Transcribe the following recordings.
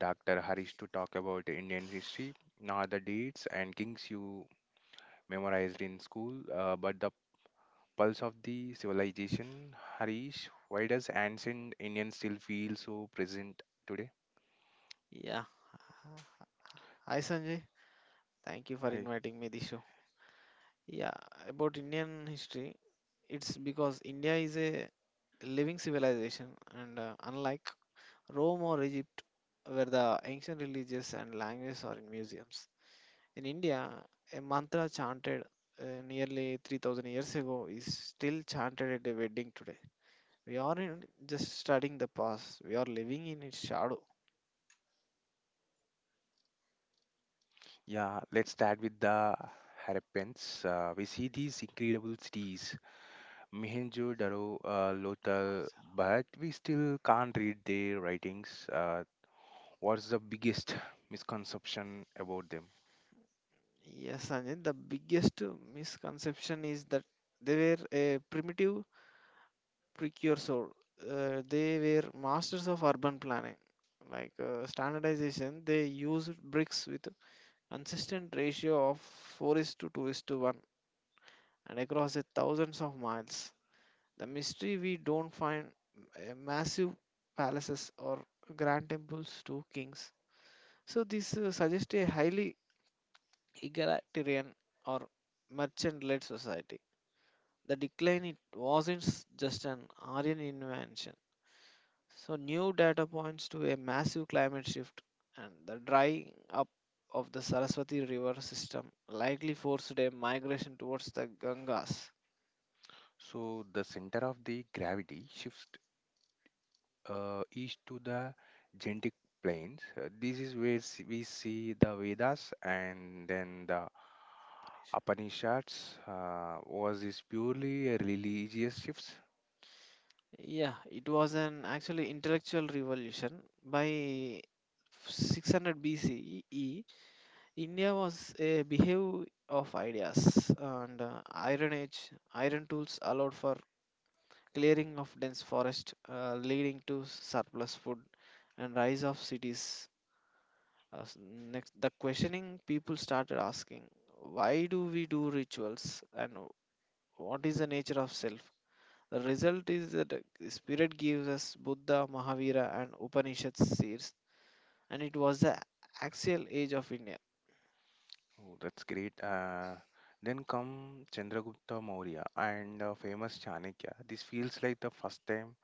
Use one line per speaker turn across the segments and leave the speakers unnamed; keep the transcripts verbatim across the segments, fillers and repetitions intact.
Doctor Harish to talk about the Indian history, not the dates and kings you memorized in school, uh, but the pulse of the civilization. Harish, why does ancient Indian still feel so present today?
Yeah. Hi Sanjay. Thank you for
I,
inviting me this show. Yeah, about Indian history, it's because India is a living civilization and uh, unlike Rome or Egypt where the ancient religious and languages are in museums. In India, a mantra chanted uh, nearly three thousand years ago is still chanted at a wedding today. We aren't just studying the past, we are living in its shadow.
yeah, let's start with the Harappans. Uh, we see these incredible cities, Mohenjo-daro, uh, Lothal, but we still can't read their writings. Uh, What's the biggest misconception about them?
Yes, Sanjay, the biggest uh, misconception is that they were a primitive precursor. Uh, they were masters of urban planning. Like uh, standardization, they used bricks with consistent ratio of four is to two is to one and across a thousands of miles. The mystery we don't find uh, massive palaces or grand temples to kings. So this uh, suggests a highly egalitarian or merchant-led society. The decline, it wasn't s- just an Aryan invention. So new data points to a massive climate shift and the drying up of the Saraswati river system likely forced a migration towards the Gangas.
So, the center of the gravity shifts uh, is to the genetic planes. Uh, this is where s- we see the Vedas and then the Upanishads. Uh, was this purely a religious shifts?
Yeah, it was an actually intellectual revolution. By six hundred B C E, India was a behave of ideas and uh, Iron Age. Iron tools allowed for clearing of dense forest, uh, leading to surplus food and rise of cities. Uh, s- Next, the questioning people started asking, why do we do rituals and what is the nature of self? The result is that the spirit gives us Buddha, Mahavira, and Upanishads seers, and it was the axial age of India.
Oh, that's great. Uh, then come Chandragupta Maurya and uh, famous Chanakya. This feels like the first time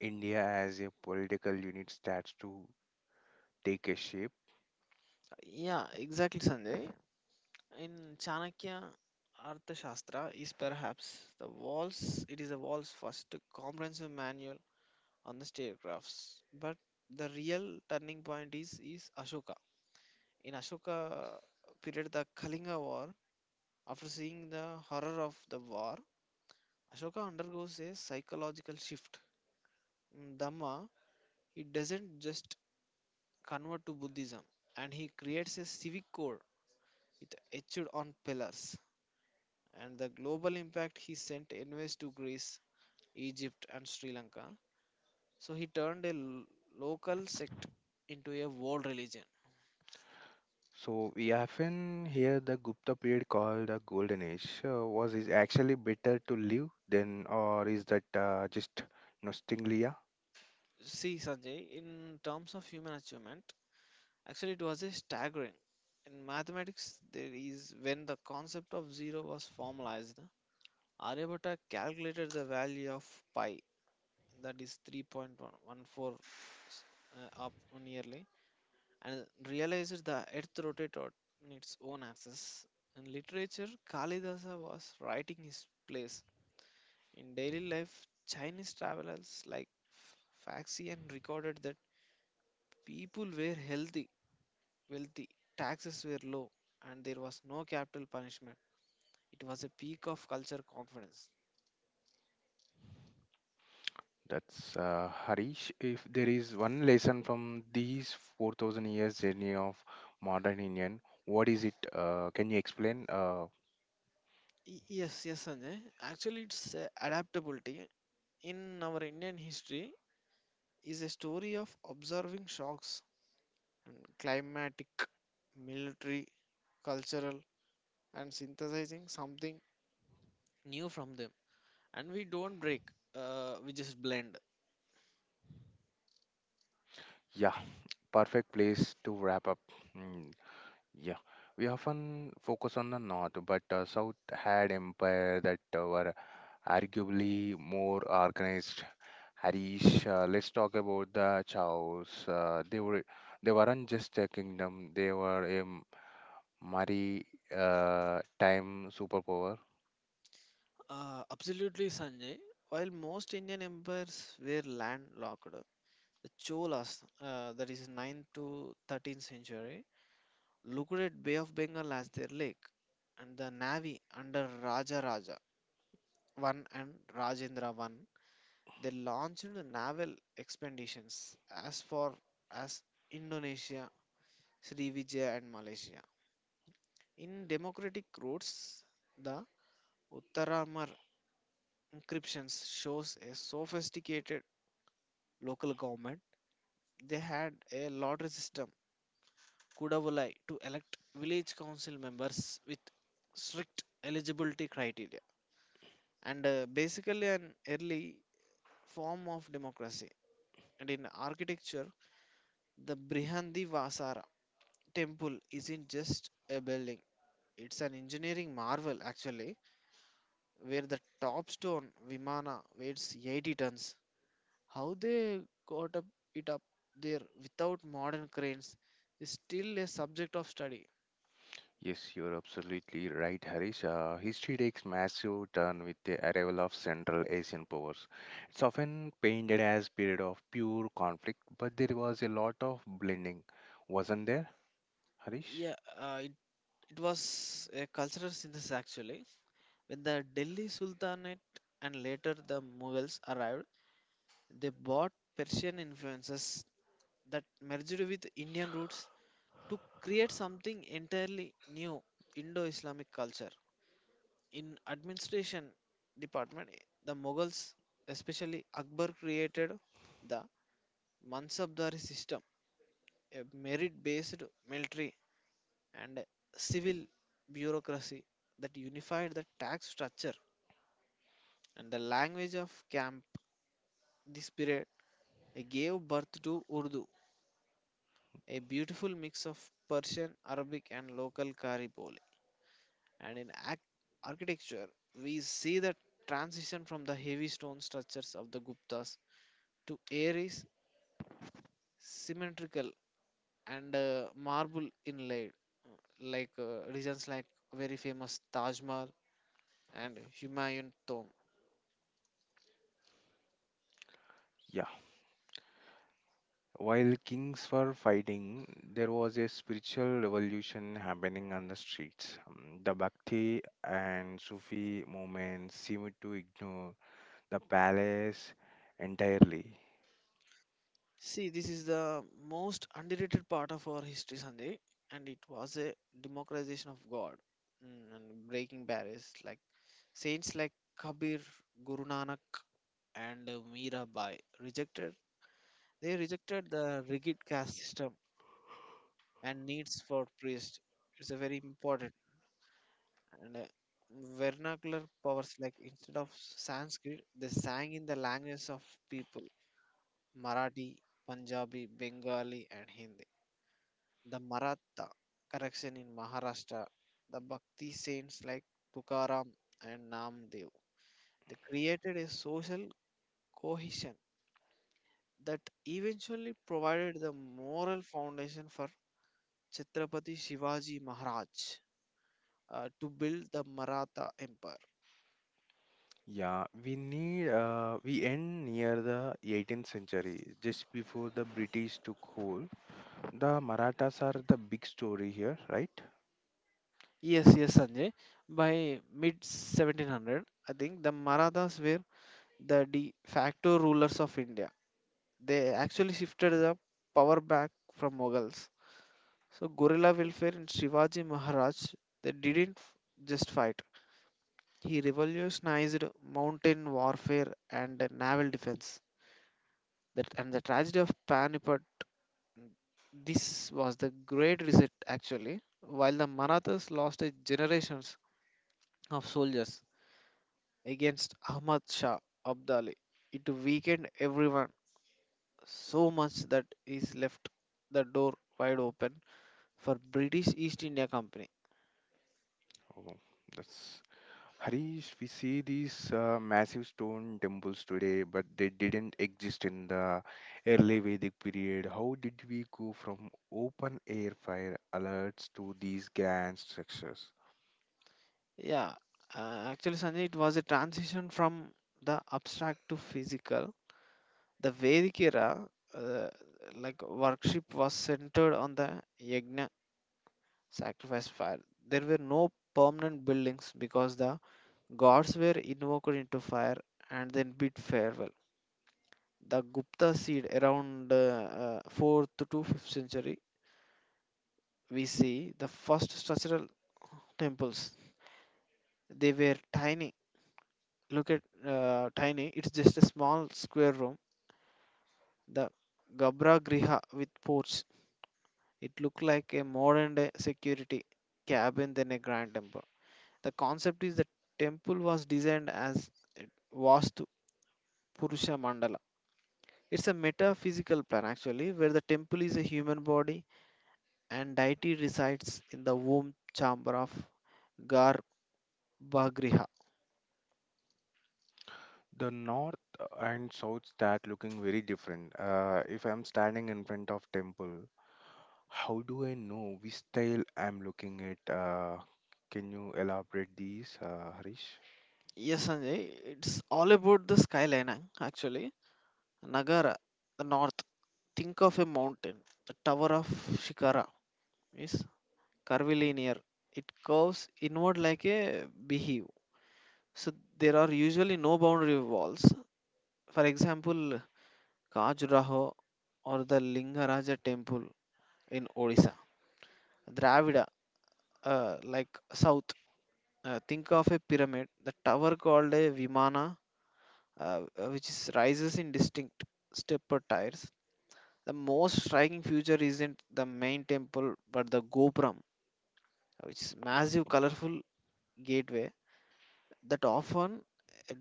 India as a political unit starts to take a shape.
Yeah, exactly, Sanjay. In Chanakya Arthashastra is perhaps the walls. It is the walls first comprehensive manual on the staircrafts. But the real turning point is is Ashoka. In Ashoka period, the Kalinga War, after seeing the horror of the war, Ashoka undergoes a psychological shift. In Dhamma, he doesn't just convert to Buddhism, and he creates a civic code with etched on pillars. And the global impact, he sent envoys to Greece, Egypt, and Sri Lanka. So he turned a l- local sect into a world religion.
So we often hear the Gupta period called the Golden Age. Uh, was it actually better to live then, or is that uh, just nostalgia?
See, Sanjay, in terms of human achievement, actually it was a staggering. In mathematics, there is when the concept of zero was formalized, Aryabhatta calculated the value of pi, that is three point one four uh, up nearly, and realized the earth rotated on its own axis. In literature, Kalidasa was writing his plays. In daily life, Chinese travelers like Faxian recorded that people were healthy, wealthy, taxes were low, and there was no capital punishment. It was a peak of culture confidence.
That's uh, Harish. If there is one lesson from these four thousand years journey of modern Indian, what is it? Uh, can you explain? Uh,
Y- Yes, yes, Sanjay. Actually, it's uh, adaptability in our Indian history is a story of observing shocks and climatic, military, cultural, and synthesizing something new from them. And we don't break, uh, we just blend.
Yeah, perfect place to wrap up. Hmm, yeah, we often focus on the North, but uh, South had empire that uh, were arguably more organized. Harish, uh, let's talk about the Chows. Uh, they were they weren't just a kingdom; they were a m- maritime superpower.
Uh, absolutely, Sanjay. While most Indian empires were landlocked, the Cholas, uh, that is ninth to thirteenth century, looked at Bay of Bengal as their lake, and the navy under Raja Raja I and Rajendra I, they launched naval expeditions as far as Indonesia, Srivijaya, and Malaysia. In democratic routes, the Uttaramar inscriptions shows a sophisticated local government. They had a lottery system Kudavolai to elect village council members with strict eligibility criteria and uh, basically an early form of democracy. And in architecture, the Brihandi Vasara temple isn't just a building, it's an engineering marvel actually, where the top stone Vimana weighs eighty tons. How they got up it up there without modern cranes is still a subject of study.
Yes, you're absolutely right, Harish. Uh, history takes massive turn with the arrival of Central Asian powers. It's often painted as period of pure conflict, but there was a lot of blending, wasn't there, Harish?
Yeah, uh, it was a cultural synthesis actually. When the Delhi Sultanate and later the Mughals arrived, they brought Persian influences that merged with Indian roots to create something entirely new, Indo-Islamic culture. In administration department, the Mughals, especially Akbar, created the Mansabdari system, a merit-based military and civil bureaucracy that unified the tax structure and the language of camp. This period gave birth to Urdu, a beautiful mix of Persian, Arabic, and local Kariboli. And in act- architecture, we see the transition from the heavy stone structures of the Guptas to Aries symmetrical and uh, marble inlaid, uh, like uh, regions like very famous Taj Mahal and Humayun Tomb.
Yeah. While kings were fighting, there was a spiritual revolution happening on the streets. Um, The Bhakti and Sufi movements seemed to ignore the palace entirely.
See, this is the most underrated part of our history, Sanjay, and it was a democratization of God, mm, and breaking barriers. Like saints like Kabir, Guru Nanak, and uh, Mirabai rejected. They rejected the rigid caste system and needs for priests. It's a very important and uh, vernacular powers. Like instead of Sanskrit, they sang in the languages of people: Marathi, Punjabi, Bengali, and Hindi. The Maratha correction in Maharashtra, the Bhakti saints like Tukaram and Namdev. They created a social cohesion that eventually provided the moral foundation for Chhatrapati Shivaji Maharaj uh, to build the Maratha Empire.
Yeah, we need uh, we end near the eighteenth century, just before the British took hold. The Marathas are the big story here, right?
Yes, yes, Sanjay. By mid seventeen hundred, I think the Marathas were the de facto rulers of India. They actually shifted the power back from Mughals. So guerrilla welfare in Shivaji Maharaj, they didn't f- just fight. He revolutionized mountain warfare and naval defense. That and the tragedy of Panipat. This was the Great Reset actually. While the Marathas lost a generations of soldiers against Ahmad Shah Abdali, it weakened everyone so much that is left the door wide open for British East India Company.
Oh, that's Harish. We see these uh, massive stone temples today, but they didn't exist in the early Vedic period. How did we go from open air fire alerts to these grand structures?
Yeah, uh, actually, Sanjay, it was a transition from the abstract to physical. The Vedic era, uh, like worship, was centered on the yagna sacrifice fire. There were no permanent buildings because the gods were invoked into fire and then bid farewell. The Gupta seed around uh, uh, fourth to fifth century, we see the first structural temples. They were tiny, look at uh, tiny, it's just a small square room, the gabra griha with porch. It looked like a modern day security cabin than a grand temple. The concept is the temple was designed as a vastu purusha mandala. It's a metaphysical plan actually, where the temple is a human body and deity resides in the womb chamber of garbhagriha.
The north and south start looking very different. Uh, if I'm standing in front of temple, how do I know which style I'm looking at? Uh, can you elaborate these, uh, Harish?
Yes, Sanjay, it's all about the skyline, uh, actually. Nagara, the north. Think of a mountain. The Tower of Shikara is curvilinear. It curves inward like a beehive. So there are usually no boundary walls. For example, Khajuraho or the Lingaraja temple in Odisha. Dravida, uh, like south. Uh, think of a pyramid. The tower called a Vimana, uh, which is rises in distinct stepper tiers. The most striking feature isn't the main temple but the Gopuram, which is massive colorful gateway that often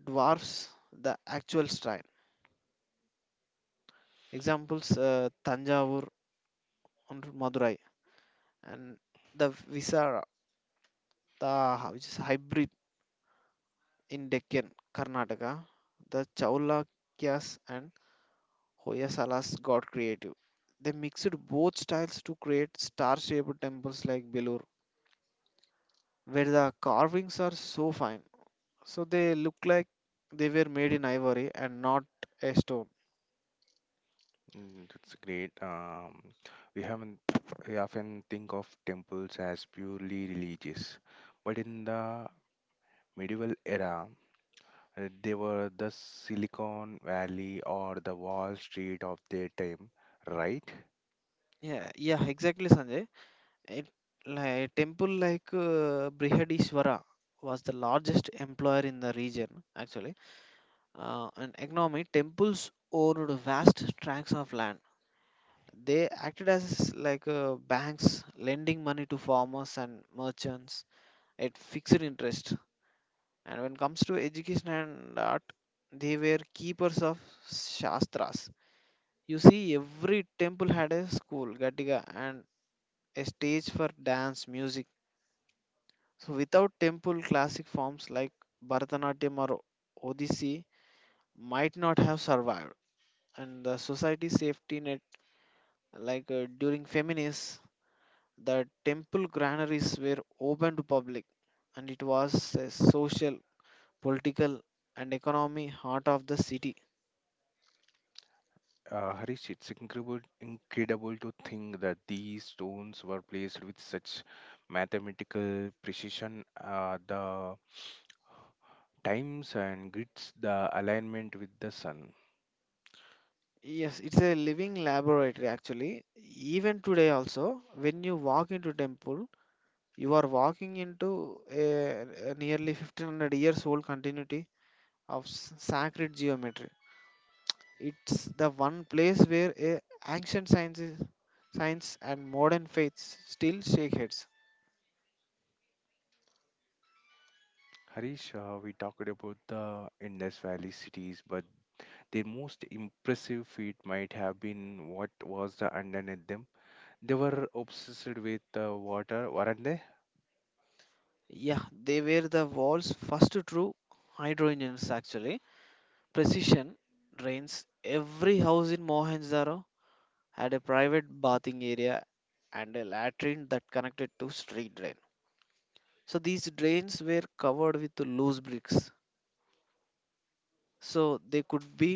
dwarfs the actual shrine. Examples, uh, Tanjavur and Madurai, and the Visara, the which is hybrid in Deccan, Karnataka, the Chalukyas and Hoysalas got creative. They mixed both styles to create star-shaped temples like Belur, where the carvings are so fine. So they look like they were made in ivory and not a stone.
Mm, that's great. Um, we haven't we often think of temples as purely religious, but in the medieval era, uh, they were the Silicon Valley or the Wall Street of their time, right?
Yeah, yeah, exactly, Sanjay. It, like, a temple like uh, Brihadishvara was the largest employer in the region, actually. Uh, and economy, temples owned vast tracts of land. They acted as like uh, banks, lending money to farmers and merchants at fixed interest. And when it comes to education and art, they were keepers of shastras. You see, every temple had a school, Gatiga, and a stage for dance, music. So, without temple, classic forms like Bharatanatyam or Odissi might not have survived. And the society safety net, like uh, during feminists, the temple granaries were open to public, and it was a social, political, and economy heart of the city.
Uh, Harish, it's incredible, incredible to think that these stones were placed with such mathematical precision. Uh, the times and grids, the alignment with the sun.
Yes, it's a living laboratory actually. Even today also, when you walk into temple, you are walking into a, a nearly fifteen hundred years old continuity of s- sacred geometry. It's the one place where a ancient sciences, science and modern faiths still shake heads.
Harish, uh, we talked about the Indus Valley cities, but their most impressive feat might have been what was the underneath them. They were obsessed with uh, water, weren't they?
Yeah, they were the world's first true hydro engineers actually. Precision drains. Every house in Mohenjo-daro had a private bathing area and a latrine that connected to street drain. So these drains were covered with loose bricks so they could be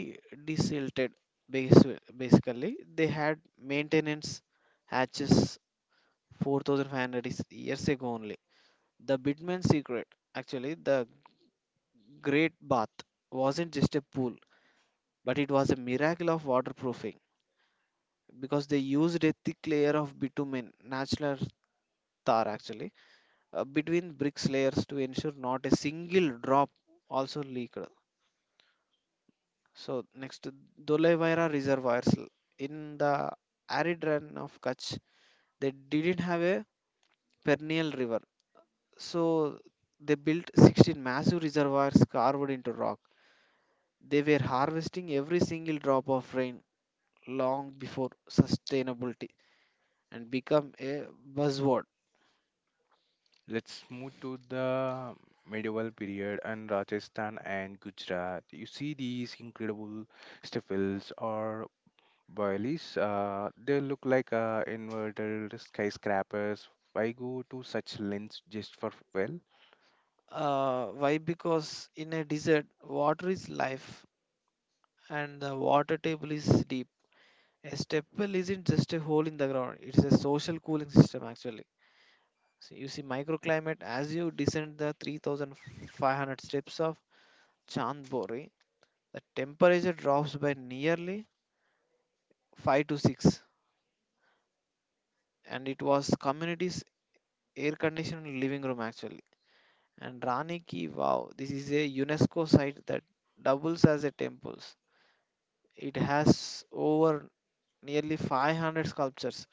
desilted, basi- basically they had maintenance hatches four thousand five hundred is- years ago only. The bidman secret actually, the great bath wasn't just a pool but it was a miracle of waterproofing because they used a thick layer of bitumen, natural tar actually, uh, between bricks layers to ensure not a single drop also leaked. So next, Dolevaira reservoirs, L- in the arid run of Kutch, they didn't have a perennial river, so they built sixteen massive reservoirs carved into rock. They were harvesting every single drop of rain long before sustainability and become a buzzword.
Let's move to the medieval period and Rajasthan and Gujarat. You see these incredible steeples or boilies. Uh, they look like uh, inverted skyscrapers. Why go to such lengths just for well?
Uh, why? Because in a desert, water is life, and the water table is deep. A step well isn't just a hole in the ground; it's a social cooling system actually. So you see microclimate as you descend the three thousand five hundred steps of Chandbori, the temperature drops by nearly five to six, and it was community's air conditioned living room actually. And Rani Ki Wow, this is a UNESCO site that doubles as a temples. It has over nearly five hundred sculptures.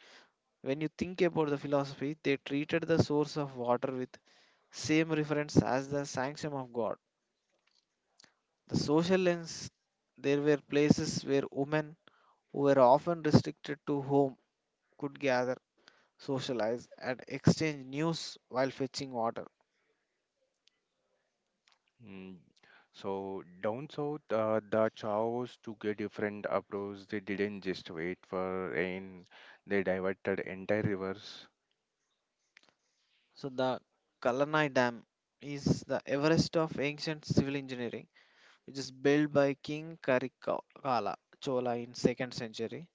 When you think about the philosophy, they treated the source of water with same reference as the sanction of God. The social lens, there were places where women who were often restricted to home could gather, socialize, and exchange news while fetching water.
Mm, so down south, uh, the chows took a different approach. They didn't just wait for rain. They diverted entire rivers.
So the Kalanai Dam is the Everest of ancient civil engineering, which is built by King Karikala Chola in second century.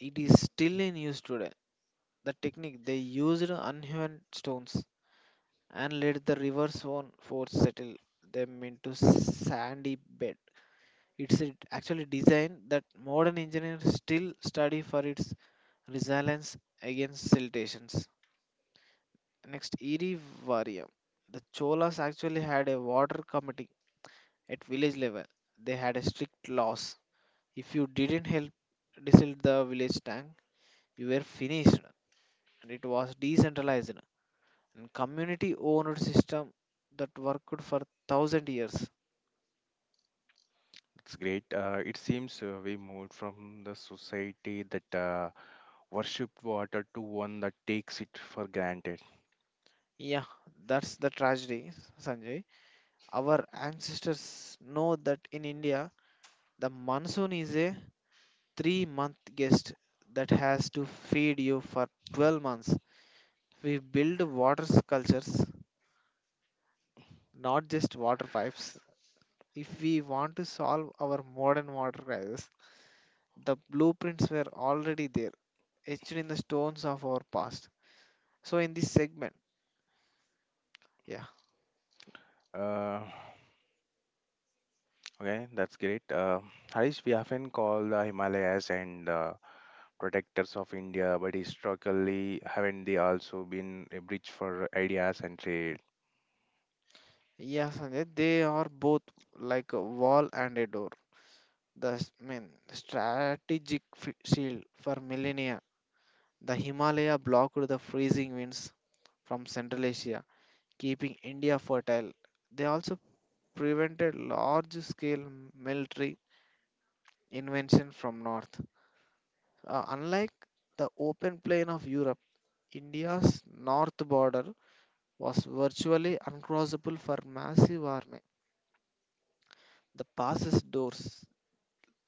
It is still in use today. The technique they used unhewn stones and let the river's own force settle them into sandy bed. It's a- actually design that modern engineers still study for its resilience against siltations. Next, Irivarium. The Cholas actually had a water committee at village level. They had a strict laws. If you didn't help desalt the village tank, you were finished. And it was decentralized and community-owned system that worked for thousand years.
It's great. Uh, it seems uh, we moved from the society that uh, worship water to one that takes it for granted.
Yeah, that's the tragedy, Sanjay. Our ancestors know that in India, the monsoon is a three month guest that has to feed you for twelve months. We build water sculptures, not just water pipes. If we want to solve our modern water crisis, the blueprints were already there, etched in the stones of our past. So, in this segment, yeah,
Uh, okay, that's great. Uh, Harish, we often call the Himalayas and uh, protectors of India, but historically, haven't they also been a bridge for ideas and trade?
yeah, Sanjay, they are both like a wall and a door, the s- mean strategic f- shield for millennia. The Himalaya blocked the freezing winds from Central Asia, keeping India fertile. They also prevented large scale military invention from north. Uh, unlike the open plain of Europe, India's north border was virtually uncrossable for massive army. The passes doors,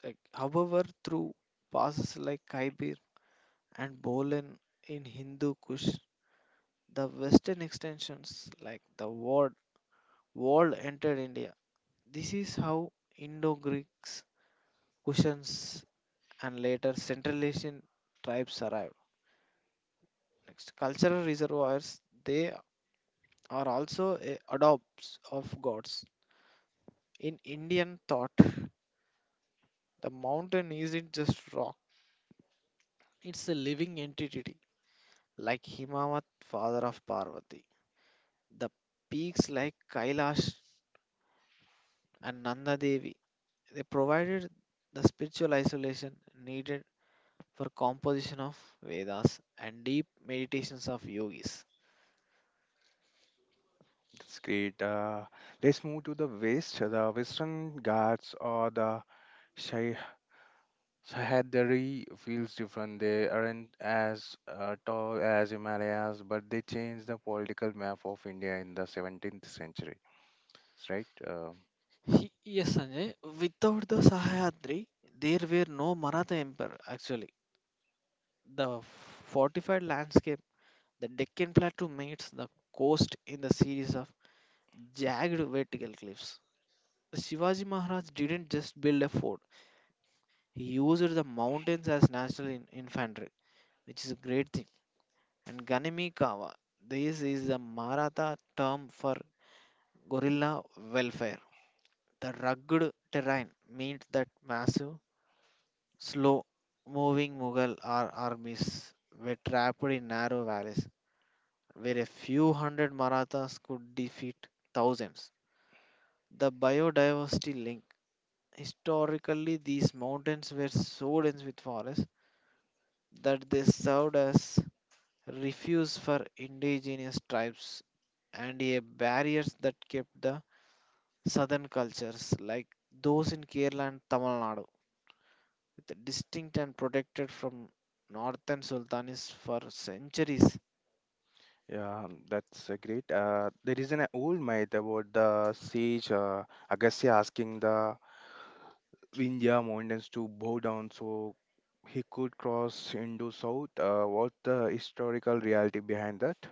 like, however, through passes like Khyber and Bolan in Hindu Kush, the western extensions like the war world entered India. This is how Indo Greeks, Kushans, and later Central Asian tribes arrived. Next, cultural reservoirs, they are also a adopts of gods. In Indian thought, the mountain isn't just rock, it's a living entity, like Himavat, father of Parvati. The peaks like Kailash and Nanda Devi, they provided the spiritual isolation needed for composition of Vedas and deep meditations of yogis.
That's great. Uh, let's move to the west. The Western Ghats or the Shai- Sahyadri feels different. They aren't as uh, tall as Himalayas, but they changed the political map of India in the seventeenth century, right? Uh,
He- Yes, Sanjay, without the Sahyadri, there were no Maratha Empire actually. The fortified landscape, the Deccan Plateau meets the coast in the series of jagged vertical cliffs. Shivaji Maharaj didn't just build a fort, he used the mountains as national in- infantry, which is a great thing. And Ganimi Kawa, this is the Maratha term for guerrilla welfare. The rugged terrain meant that massive, slow moving Mughal ar- armies were trapped in narrow valleys where a few hundred Marathas could defeat thousands. The biodiversity link. Historically, these mountains were so dense with forests that they served as refuge for indigenous tribes and a barriers that kept the southern cultures like those in Kerala and Tamil Nadu distinct and protected from northern sultanates for centuries.
yeah, um, that's uh, great. Uh, there is an uh, old myth about the sage uh, Agastya asking the Vindhya mountains to bow down so he could cross into south. Uh, what's the historical reality behind that?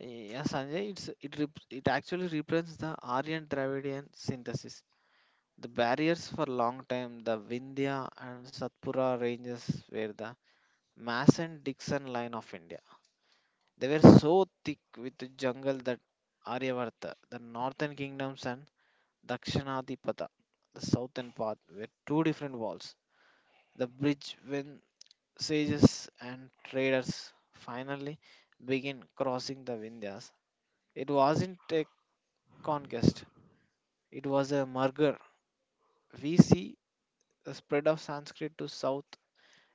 Yeah, Sanjay, it's, it, rep- it actually represents the Aryan Dravidian synthesis. The barriers for long time, the Vindhya and Satpura ranges were the Mason-Dixon line of India. They were so thick with the jungle that Aryavarta, the northern kingdoms and Dakshinadipata, the southern path, were two different walls. The bridge when sages and traders finally began crossing the Vindhyas. It wasn't a conquest, it was a merger. We see the spread of Sanskrit to south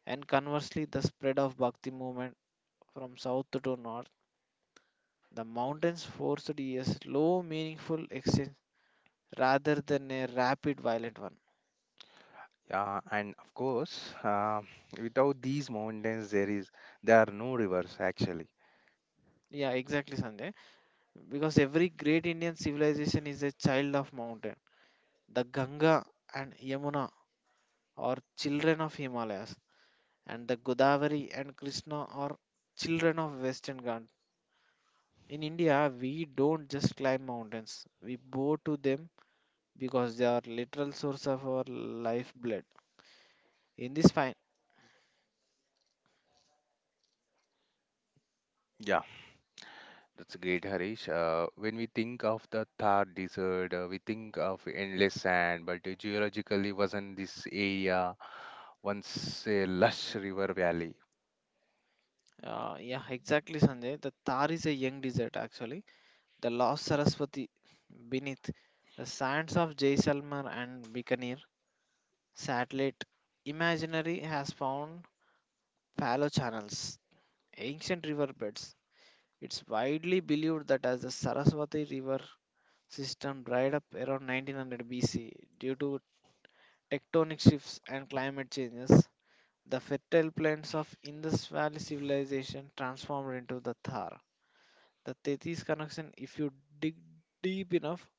and conversely the spread of Bhakti movement from south to north. The mountains forced a slow, meaningful exchange rather than a rapid, violent one.
Yeah, and of course, uh, without these mountains, there is there are no rivers actually.
Yeah, exactly, Sanjay. Because every great Indian civilization is a child of mountain. The Ganga and Yamuna or children of Himalayas, and the Godavari and Krishna are children of Western Ghats. In India, we don't just climb mountains, we bow to them because they are literal source of our lifeblood. In this fine,
Yeah, that's great, Harish. Uh, when we think of the Thar Desert, uh, we think of endless sand, but uh, geologically wasn't this area once a lush river valley?
uh, yeah, exactly, Sanjay. The Thar is a young desert actually, the lost Saraswati beneath the sands of Jaisalmer and Bikaner. Satellite imaginary has found fallow channels, ancient riverbeds. It's widely believed that as the Saraswati River system dried up around nineteen hundred B C due to tectonic shifts and climate changes, the fertile plains of Indus Valley civilization transformed into the Thar. The Tethys connection, if you dig deep enough,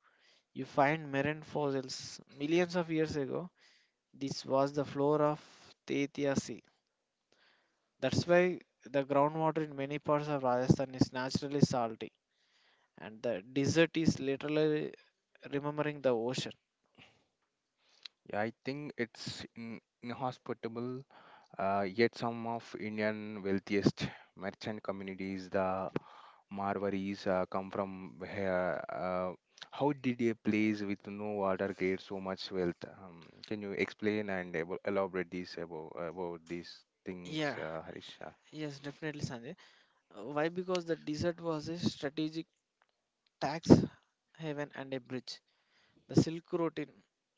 you find marine fossils. Millions of years ago, this was the floor of Tethya Sea. That's why the groundwater in many parts of Rajasthan is naturally salty and the desert is literally remembering the ocean.
Yeah, I think it's in, inhospitable, uh, yet some of Indian wealthiest merchant communities, the Marwaris uh, come from here. Uh, how did a place with no water create so much wealth? Um, can you explain and abo- elaborate this about, about these things,
Yeah,
uh, Harish? Uh,
yes, definitely, Sanjay. Uh, Why? Because the desert was a strategic tax haven and a bridge. The Silk Road in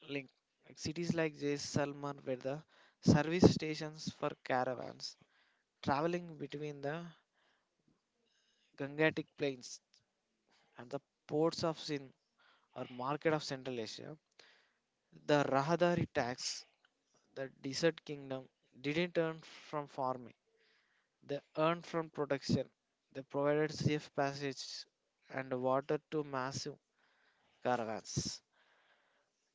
link like cities like Jaisalmer were the service stations for caravans traveling between the Gangetic plains and the ports of Sind or market of Central Asia. The Rahadari tax, the desert kingdom, didn't turn from farming. They earned from protection. They provided safe passage and water to massive caravans.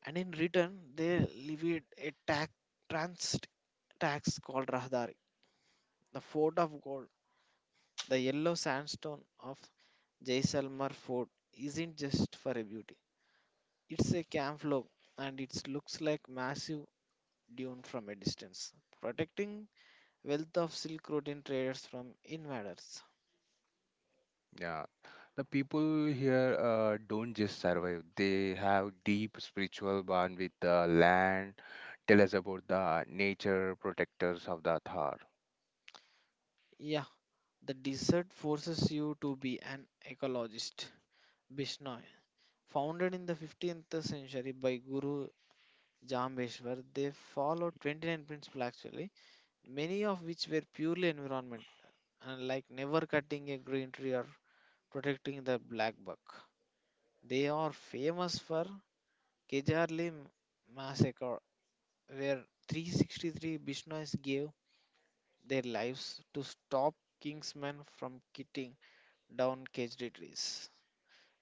And in return, they levied a tax, trans tax called Rahdari. The fort of gold, the yellow sandstone of Jaisalmer fort, isn't just for a beauty. It's a camouflage and it looks like massive dune from a distance, protecting wealth of Silk Road in traders from invaders.
Yeah, the people here uh, don't just survive; they have deep spiritual bond with the land. Tell us about the nature protectors of the Thar.
Yeah, the desert forces you to be an ecologist. Bishnoi, founded in the fifteenth century by Guru Jambeshwar, they follow twenty-nine principles actually, many of which were purely environment, and like never cutting a green tree or protecting the black buck. They are famous for Kejarli massacre, where three hundred sixty-three Bishnois gave their lives to stop kingsmen from cutting down Kejri trees.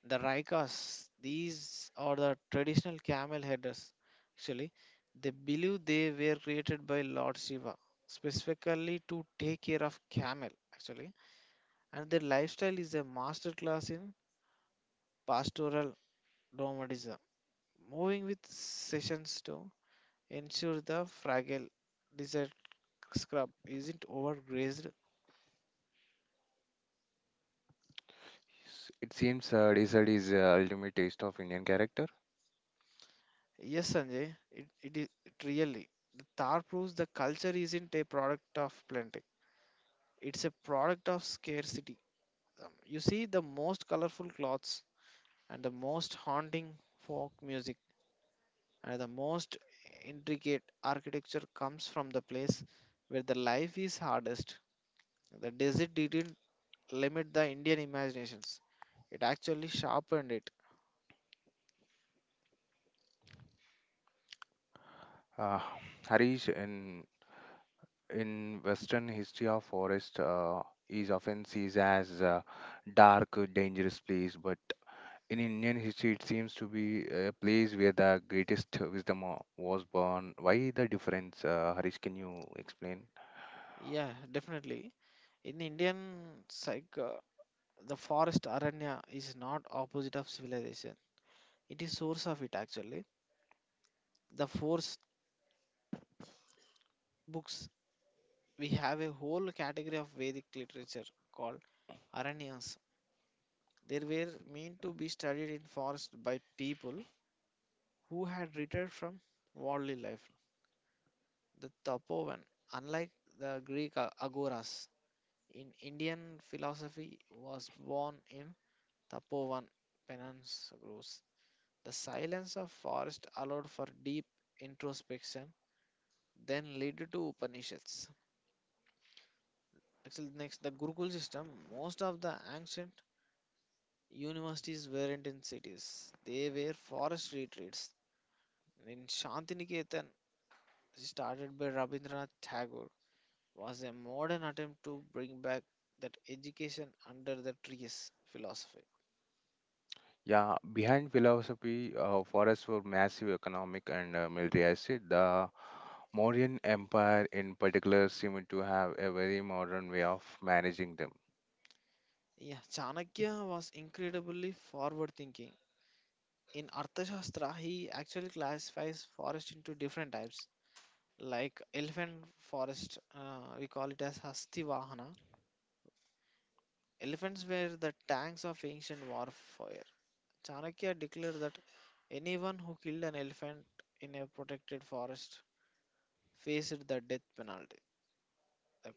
The Raikas, these are the traditional camel headers. Actually, they believe they were created by Lord Shiva specifically to take care of camel. Actually, and their lifestyle is a masterclass in pastoral nomadism, moving with sessions to ensure the fragile desert scrub isn't overgrazed.
S- It seems uh, desert is the ultimate taste of Indian character.
Yes, Sanjay, it, it is it really. The tar proves the culture isn't a product of plenty. It's a product of scarcity. Um, You see, the most colorful clothes and the most haunting folk music and the most intricate architecture comes from the place where the life is hardest. The desert didn't limit the Indian imaginations, it actually sharpened it.
Uh, Harish, in in Western history a forest uh, is often seen as a dark, uh, dangerous place, but in Indian history, it seems to be a place where the greatest wisdom uh, was born. Why the difference, uh, Harish? Can you explain?
Yeah, definitely. In Indian psych, uh, the forest aranya is not opposite of civilization. It is source of it actually. The forest books, we have a whole category of Vedic literature called Aranyas. They were meant to be studied in forest by people who had retired from worldly life. The Tapovan, unlike the Greek a- agoras, in Indian philosophy was born in Tapovan peninsulas. The silence of forest allowed for deep introspection, then led to Upanishads. Actually, next the Gurukul system. Most of the ancient Universities weren't in cities, they were forest retreats. In Shantiniketan, started by Rabindranath Tagore, was a modern attempt to bring back that education under the trees philosophy.
Yeah, behind philosophy, uh, forests were massive economic and uh, military asset. The Mauryan Empire, in particular, seemed to have a very modern way of managing them.
Yeah, Chanakya was incredibly forward thinking. In Arthashastra, he actually classifies forest into different types. Like elephant forest, uh, we call it as Hastivahana. Elephants were the tanks of ancient warfare. Chanakya declared that anyone who killed an elephant in a protected forest faced the death penalty. The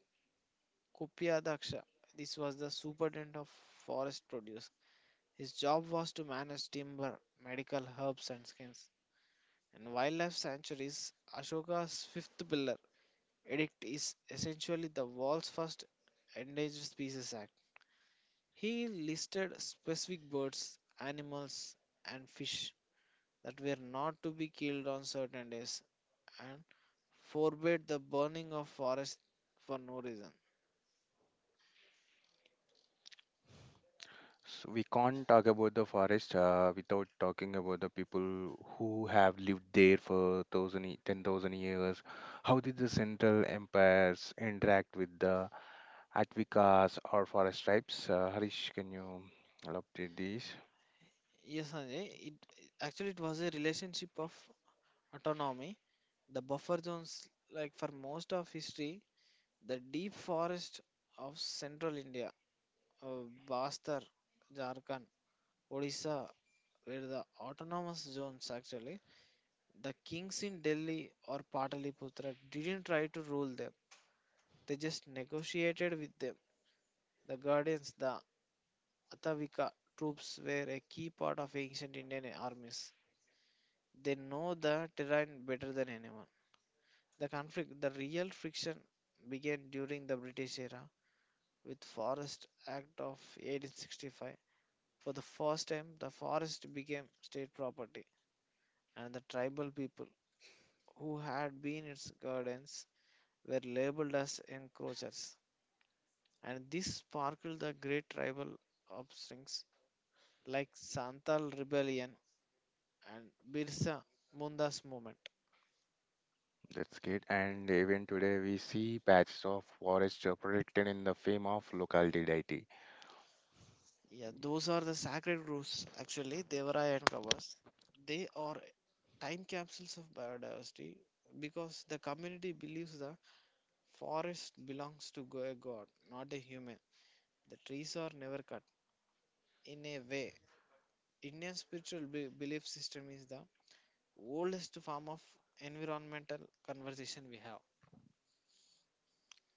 Kopya Daksha, this was the superintendent of forest produce. His job was to manage timber, medical herbs and skins. And wildlife sanctuaries, Ashoka's fifth pillar edict is essentially the world's first Endangered Species Act. He listed specific birds, animals, and fish that were not to be killed on certain days and forbade the burning of forest for no reason.
So we can't talk about the forest uh, without talking about the people who have lived there for thousand, ye- ten thousand years. How did the Central Empires interact with the Atvikas or forest tribes? Uh, Harish, can you elaborate this?
Yes, Sanjay, it it- actually it was a relationship of autonomy. The buffer zones, like for most of history, the deep forest of central India, uh, Bastar, Jharkhand, Odisha, were the autonomous zones actually. The kings in Delhi or Pataliputra didn't try to rule them. They just negotiated with them. The guardians, the Atavika troops were a key part of ancient Indian armies. They know the terrain better than anyone. The conflict, the real friction began during the British era with Forest Act of eighteen sixty-five. For the first time, the forest became state property and the tribal people who had been its guardians were labeled as encroachers. And this sparked the great tribal uprisings like Santal rebellion and Birsa Munda's movement.
That's good. And even today, we see patches of forest uh, protected in the fame of locality deity.
Yeah, those are the sacred groves actually, Devaraya and Kavas. They are time capsules of biodiversity because the community believes the forest belongs to go- a god, not a human. The trees are never cut. In a way, Indian spiritual be- belief system is the oldest form of environmental conversation we have.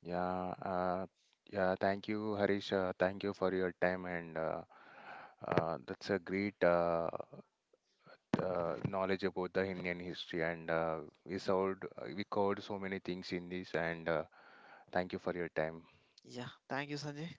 Yeah, uh, yeah. Thank you, Harish. Uh, thank you for your time and. Uh, uh, That's a great uh, uh, knowledge about the Indian history, and uh, we solved uh, we covered so many things in this. And uh, thank you for your time.
Yeah, thank you, Sanjay.